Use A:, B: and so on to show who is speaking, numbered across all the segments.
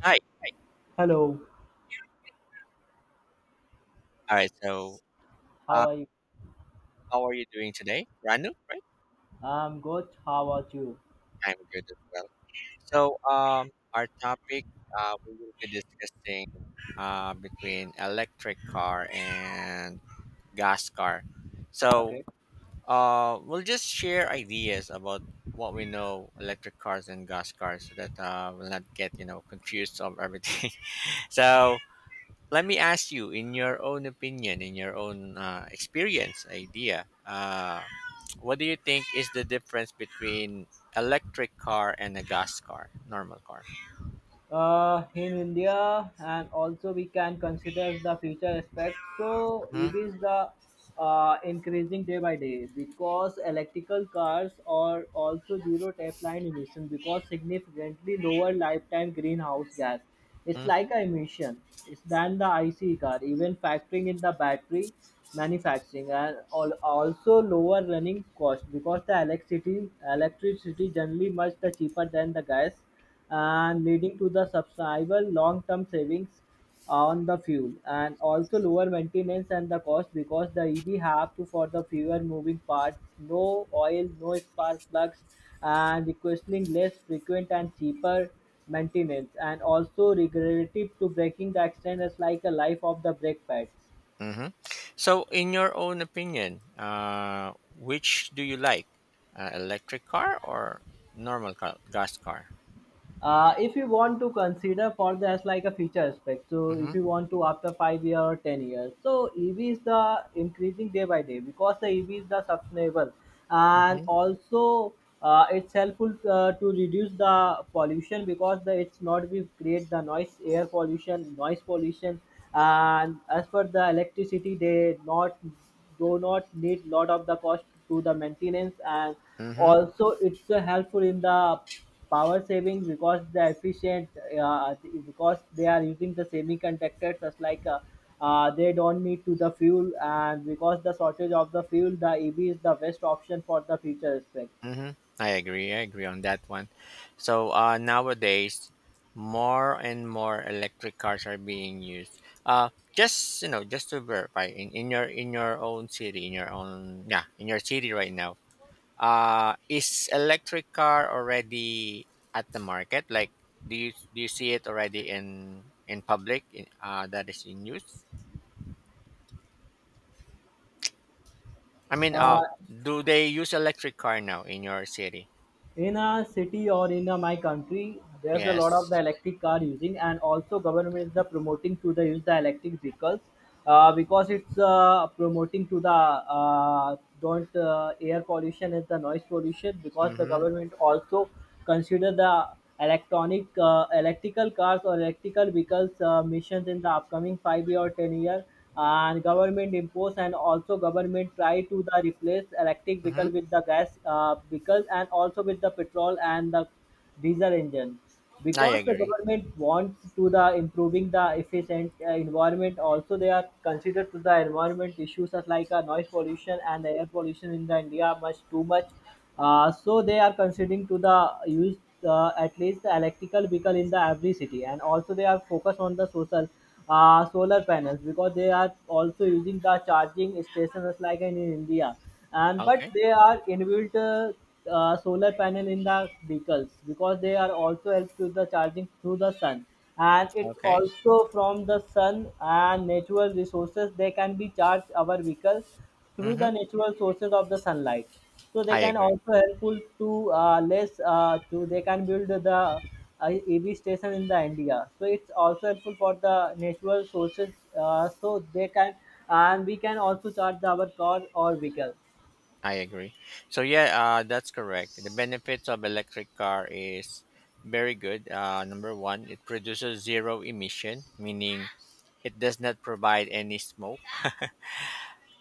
A: Hi.
B: Hello,
A: All right.
B: how
A: Uh,
B: are you?
A: how are you doing today? Ranu, right?
B: I'm good. How about you?
A: I'm good as well. So, um, our topic we will be discussing between electric car and gas car. So,
B: Okay.
A: we'll just share ideas about what we know electric cars and gas cars so that we'll not get confused of everything. so, Let me ask you, in your own opinion, in your own experience, idea. What do you think is the difference between electric car and a gas car, normal car?
B: In India, and also we can consider the future aspect. So
A: Mm-hmm.
B: EV is the increasing day by day, because electrical cars are also zero tapeline emission because significantly lower lifetime greenhouse gas. It's like a emission. It's than the IC car, even factoring in the battery manufacturing and also lower running cost because the electricity generally much the cheaper than the gas, and leading to the substantial long-term savings on the fuel and also lower maintenance and the cost because the EV have to for the fewer moving parts, no oil, no spark plugs, and requesting less frequent and cheaper maintenance and also regenerative to braking the extent is like a life of the brake pads.
A: hmm So, in your own opinion, which do you like, electric car or normal car, gas car?
B: If you want to consider for the as like a future aspect, so if
A: Mm-hmm.
B: you want to after 5 year or 10 years, so ev is the increasing day by day because the ev is the sustainable, and also it's helpful to reduce the pollution because the it's not we create the noise air pollution noise pollution. And as per the electricity they not do not need lot of the cost to the maintenance, and
A: Mm-hmm.
B: also it's helpful in the power saving because the efficient uh, because they are using the semiconductors just like they don't need to the fuel, and because the shortage of the fuel the ev is the best option for the future aspect.
A: Mm-hmm. I agree. I agree on that one. So nowadays, more and more electric cars are being used. Uh, just to verify, in your own city, in your own yeah, in your city right now, is electric car already at the market? Like, do you see it already in public? In, that is in use. I mean, uh,
B: uh,
A: do they use electric car now in your city?
B: in a city or in a, my country, there's a
A: Yes.
B: lot of the electric car using, and also government is the promoting to the use the electric vehicles, because it's promoting to the don't air pollution is the noise pollution because the
A: Mm-hmm.
B: government also consider the electronic electrical cars or electrical vehicles missions in the upcoming 5 year or 10 year, and government impose and also government try to the replace electric
A: Mm-hmm.
B: vehicle with the gas vehicle and also with the petrol and the diesel engine,
A: I
B: because the
A: agree.
B: government wants to the improving the efficient environment, also they are considered to the environment issues as like noise pollution and the air pollution in the india much too much. So they are considering to the use at least the electrical vehicle in the every city, and also they are focused on the social solar panels because they are also using the charging stations as like in india. And but
A: Okay.
B: they are inbuilt solar panel in the vehicles because they are also help to the charging through the sun, and it's
A: Okay.
B: also from the sun and natural resources they can be charged our vehicle through the
A: Mm-hmm.
B: natural sources of the sunlight. So they
A: I
B: can
A: agree.
B: also helpful to less to they can build the ev station in the india, so it's also helpful for the natural sources. So they can and we can also charge our car or vehicle.
A: I agree. That's correct. The benefits of electric car is very good. Number one, it produces zero emission, meaning it does not provide any smoke.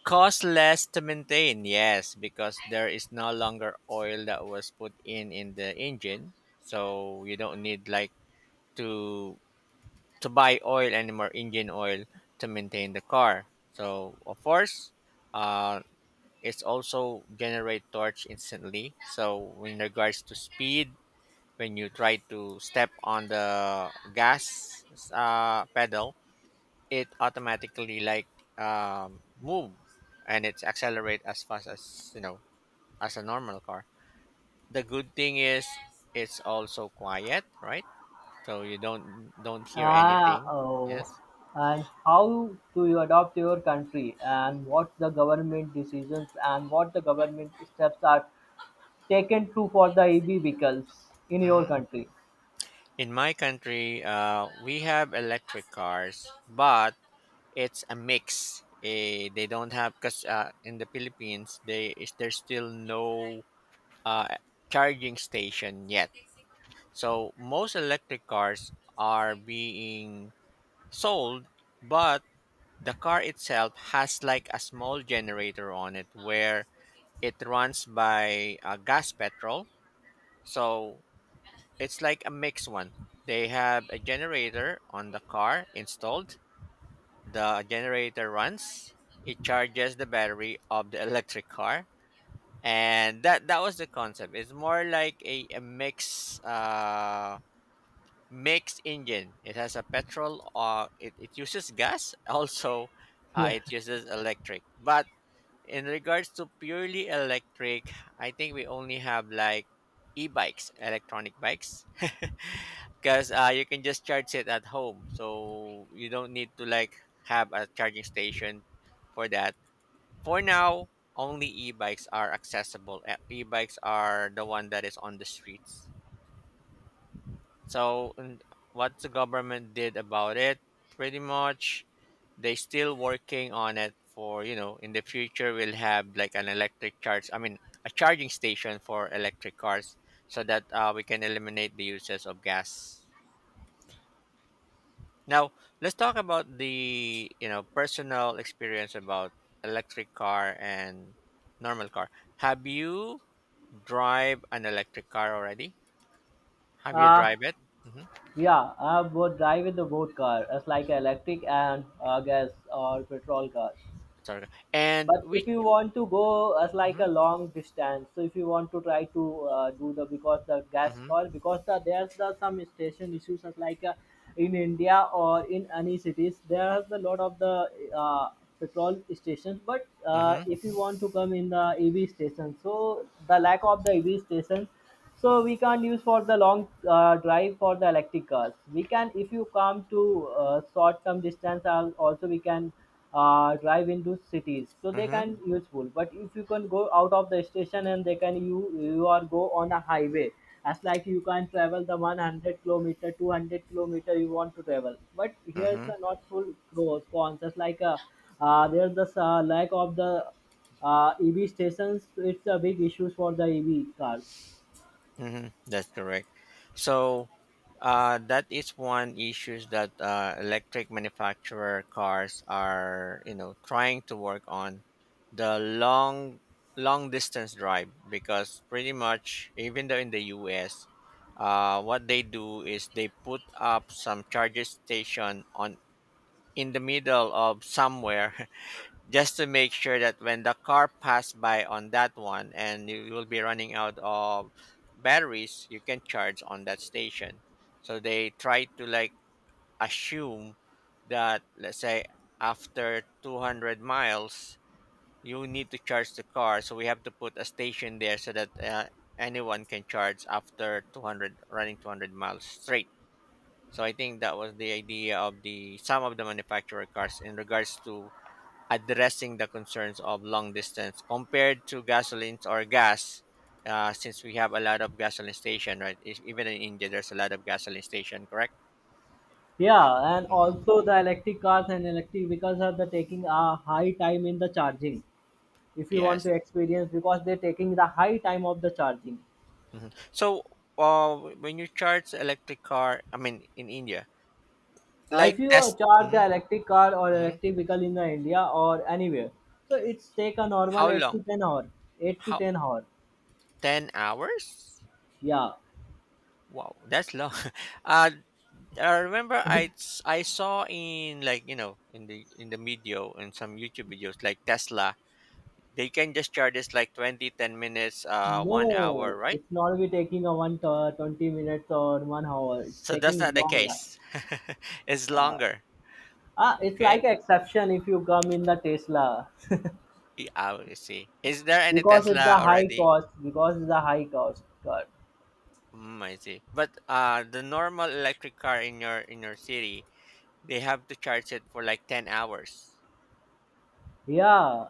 A: Cost less to maintain, yes, because there is no longer oil that was put in the engine, so you don't need like to to buy oil anymore, engine oil to maintain the car. So of course, uh, it's also generate torch instantly, so in regards to speed, when you try to step on the gas pedal, it automatically like move, and it's accelerate as fast as as a normal car. The good thing is it's also quiet, right? So you don't hear
B: Ah,
A: anything.
B: oh.
A: Yes.
B: And how do you adopt your country, and what the government decisions and what the government steps are taken to for the EV vehicles in your
A: Mhm.
B: country?
A: In my country, we have electric cars, but it's a mix. Eh, they don't have because in the Philippines, they is there's still no uh, charging station yet. So most electric cars are being sold, but the car itself has like a small generator on it where it runs by gas petrol. So it's like a mixed one. They have a generator on the car installed. The generator runs. It charges the battery of the electric car. And that was the concept. It's more like a mix mixed engine. It has a petrol it uses gas, also
B: Yeah.
A: it uses electric. But in regards to purely electric, I think we only have like e-bikes, electronic bikes. Because you can just charge it at home, so you don't need to like have a charging station for that. For now, only e-bikes are accessible. E-bikes are the one that is on the streets. So n- what the government did about it, pretty much, they still working on it for in the future we'll have like an electric charge. I mean a charging station for electric cars so that we can eliminate the uses of gas. Now let's talk about the personal experience about electric car and normal car. Have you drive an electric car already? Have you
B: Uh,
A: drive it? hmm
B: yeah, I would drive with the both car as like electric and gas or petrol car.
A: Sorry. And
B: But
A: which?
B: if you want to go as like
A: Mm-hmm,
B: a long distance, so if you want to try to do the because the gas
A: mm-hmm.
B: car because the, there's the some station issues as like in india or in any cities there are a lot of the petrol stations, but
A: Mm-hmm.
B: if you want to come in the ev station, so the lack of the ev station, so we can't use for the long drive for the electric cars. We can if you come to short term distance, also we can drive into cities, so they
A: Mm-hmm.
B: can useful. But if you can go out of the station and they can you are go on a highway, as like you can travel the 100 kilometer 200 kilometer you want to travel, but here's
A: Mm-hmm.
B: the not full pros cons just like a there's the lack of the EV stations. It's a big issues for the EV cars.
A: Mm-hmm. That's correct. So that is one issues that electric manufacturer cars are trying to work on the long distance drive, because pretty much even though in the US, what they do is they put up some charger station on in the middle of somewhere. Just to make sure that when the car passed by on that one and you will be running out of batteries, you can charge on that station. So they try to like assume that, let's say, after 200 miles you need to charge the car, so we have to put a station there so that anyone can charge after 200 miles straight. So I think that was the idea of the some of the manufacturer cars in regards to addressing the concerns of long distance compared to gasolines or gas. Since we have a lot of gasoline station, right? If, even in india there's a lot of gasoline station, correct?
B: Yeah, and
A: hmm
B: also the electric cars and electric vehicles are the taking a high time in the charging. If you want
A: yes.
B: to experience, because they're taking the high time of the charging.
A: So when you charge electric car, I mean in india,
B: If
A: like
B: you
A: test.
B: charge the electric car or
A: Hmm
B: electric vehicle in the India or anywhere, so it's take a normal
A: how
B: eight
A: long?
B: to ten hour, eight to
A: How?
B: ten hour.
A: 10 hours?
B: Yeah,
A: Wow, that's long. uh, I remember
B: it's
A: I saw in like in the video in some youtube videos like tesla, they can just charge us like 20, 10 minutes one
B: no,
A: hour right?
B: it's not be taking a one to, 20 minutes or 1 hour. It's
A: So that's
B: taking
A: not the
B: long.
A: case. It's
B: Uh,
A: longer.
B: it's like
A: Okay.
B: exception if you come in the Tesla.
A: Ah, I see, is there any
B: Because it's
A: tesla
B: a high
A: already?
B: cost because it's a high cost card.
A: Mm, I see, but the normal electric car in your city, they have to charge it for like 10 hours?
B: Yeah,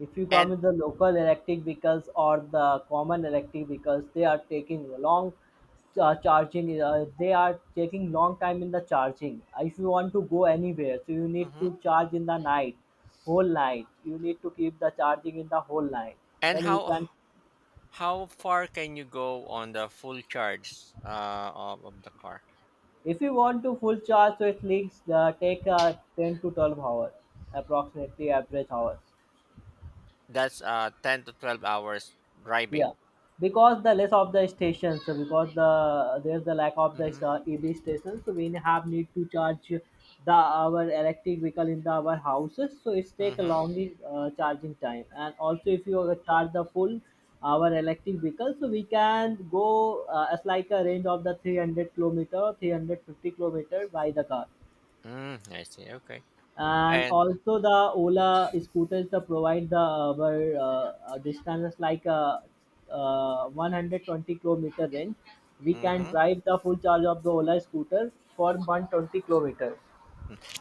B: if you come
A: And
B: with the local electric vehicles or the common electric vehicles they are taking long charging they are taking long time in the charging. If you want to go anywhere, so you need to
A: Mhm.
B: charge in the night, whole night you need to keep the charging in the whole night.
A: And
B: Then you
A: how
B: can
A: far can you go on the full charge of the car?
B: if you want to full charge, so it leaks take 10 to 12 hours, approximately average hours.
A: That's 10 to 12 hours
B: Yeah,
A: driving?
B: because the less of the stations, so because the there's the lack of the ev stations, so we have need to charge the our electric vehicle in the our houses, so it's take a
A: Mm-hmm.
B: long charging time. And also if you charge the full our electric vehicle, so we can go as like a range of the 300 kilometer 350-kilometer by the car.
A: Mm, I see. Okay.
B: And
A: And
B: also the Ola scooters the provide the our distances like 120-kilometer range. We can
A: hmm
B: drive the full charge of the Ola scooter for 120 kilometers.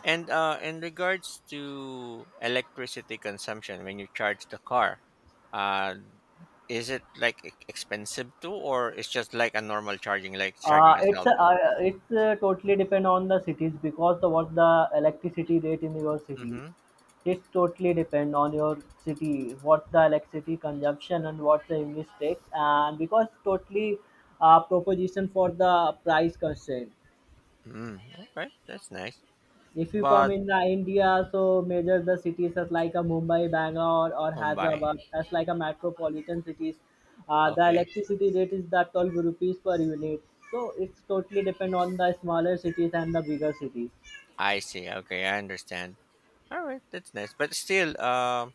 A: and in regards to electricity consumption when you charge the car, uh, is it like expensive too, or it's just like a normal charging, like charging a
B: It's
A: cell phone?
B: totally depend on the cities because the what the electricity rate in your city.
A: Mm-hmm.
B: It totally depend on your city, what the electricity consumption and what the English takes, and because totally proposition for the price constraint.
A: Mm, okay, that's nice.
B: If you come
A: But
B: in the India, so major the cities as like a Mumbai, Bangalore, or
A: Mumbai.
B: Hyderabad as like a metropolitan cities, the
A: Okay,
B: electricity rate is that 12 rupees per unit. So it's totally depend on the smaller cities and the bigger cities.
A: I see. Okay, I understand. All right, that's nice. But still,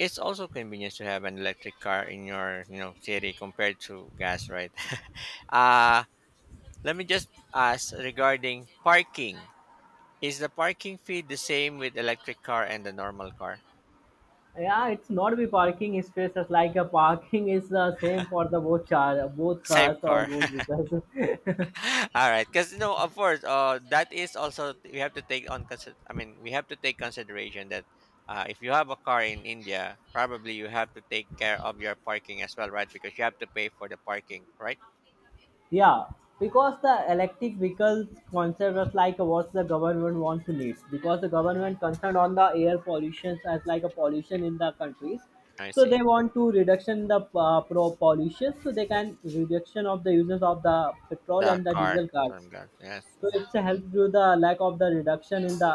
A: it's also convenient to have an electric car in your, you know, city compared to gas, right? uh Let me just ask regarding parking. Is the parking fee the same with electric car and the normal car?
B: Yeah, it's not be parking spaces like a parking is the same for the both cars
A: Same
B: or
A: car.
B: both vehicles.
A: All right, because no, of course, that is also we have to take on. I mean, we have to take consideration that if you have a car in India, probably you have to take care of your parking as well, right? Because you have to pay for the parking, right?
B: Yeah,
A: Mm-hmm.
B: because the electric vehicles concept was like what the government wants to lead. Because the
A: Mm-hmm.
B: government concerned on the air pollution as like a pollution in the countries,
A: I
B: so they
A: see.
B: want to reduction the pro pollution, so they can reduction of the uses of the petrol
A: The
B: and the
A: car.
B: diesel
A: That's what
B: cars.
A: I'm glad. Yes.
B: So
A: Mhm.
B: it's a help to the lack of the reduction in the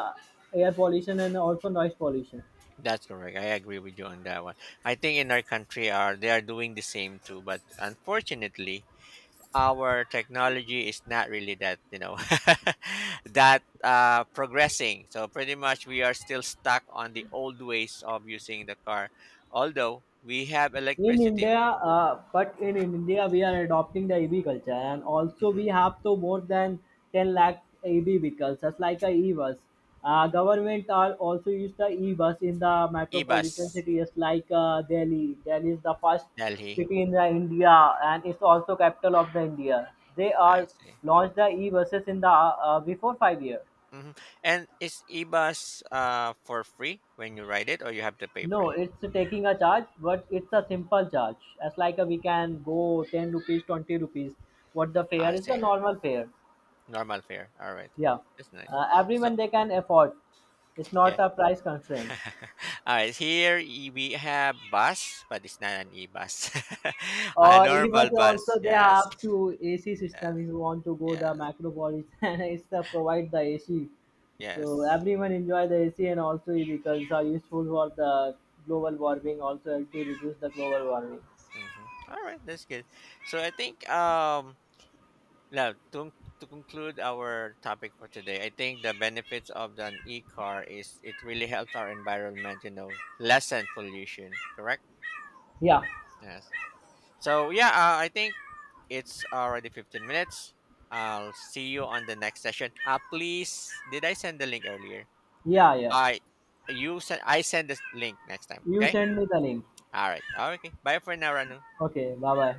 B: air pollution and also noise pollution.
A: That's correct. I agree with you on that one. I think in our country are they are doing the same too, but unfortunately, our technology is not really that that progressing. So pretty much we are still stuck on the old ways of using the car, although we have
B: In
A: electricity.
B: India, but in India, we are adopting the EV culture, and also
A: Mm-hmm.
B: we have to more than 10 lakh EV vehicles, just like a e-bus. Government are also use the e-bus in the metropolitan
A: Bus.
B: cities like Delhi. Delhi is the first
A: Delhi.
B: city in the India, and it's also capital of the India. They
A: I
B: are
A: see.
B: launched the e-buses in the before 5 year.
A: And is E bus for free when you ride it, or you have to pay for
B: No,
A: it?
B: it's taking a charge, but it's a simple charge. As like a, we can go 10 rupees, 20 rupees. What the fare
A: I
B: is the
A: see.
B: normal fare.
A: Normal fare. All right.
B: Yeah.
A: That's nice.
B: Everyone
A: So,
B: they can afford. It's
A: yeah.
B: not a price constraint.
A: All right. Here we have bus, but it's not an e-bus. A
B: Or even
A: normal bus.
B: also they
A: Yes.
B: have to AC
A: Yeah.
B: system if you want to go the
A: Yes.
B: macropolis and it's the provide the AC. So
A: Yes.
B: everyone enjoy the AC and also vehicles are useful for the global warming also to reduce the global warming.
A: Mhm. All right. That's good. So I think now to conclude our topic for today, I think the benefits of the e-car is it really helps our environment. You know, lessen pollution. Correct.
B: Yeah.
A: Yes. I think. It's already 15 minutes. I'll see you on the next session. Please, did I send the link earlier?
B: Yeah, yeah.
A: I you send I send this link next time,
B: You
A: okay?
B: send me the link.
A: All right. Okay. Bye for now, Ranu.
B: Okay, bye bye.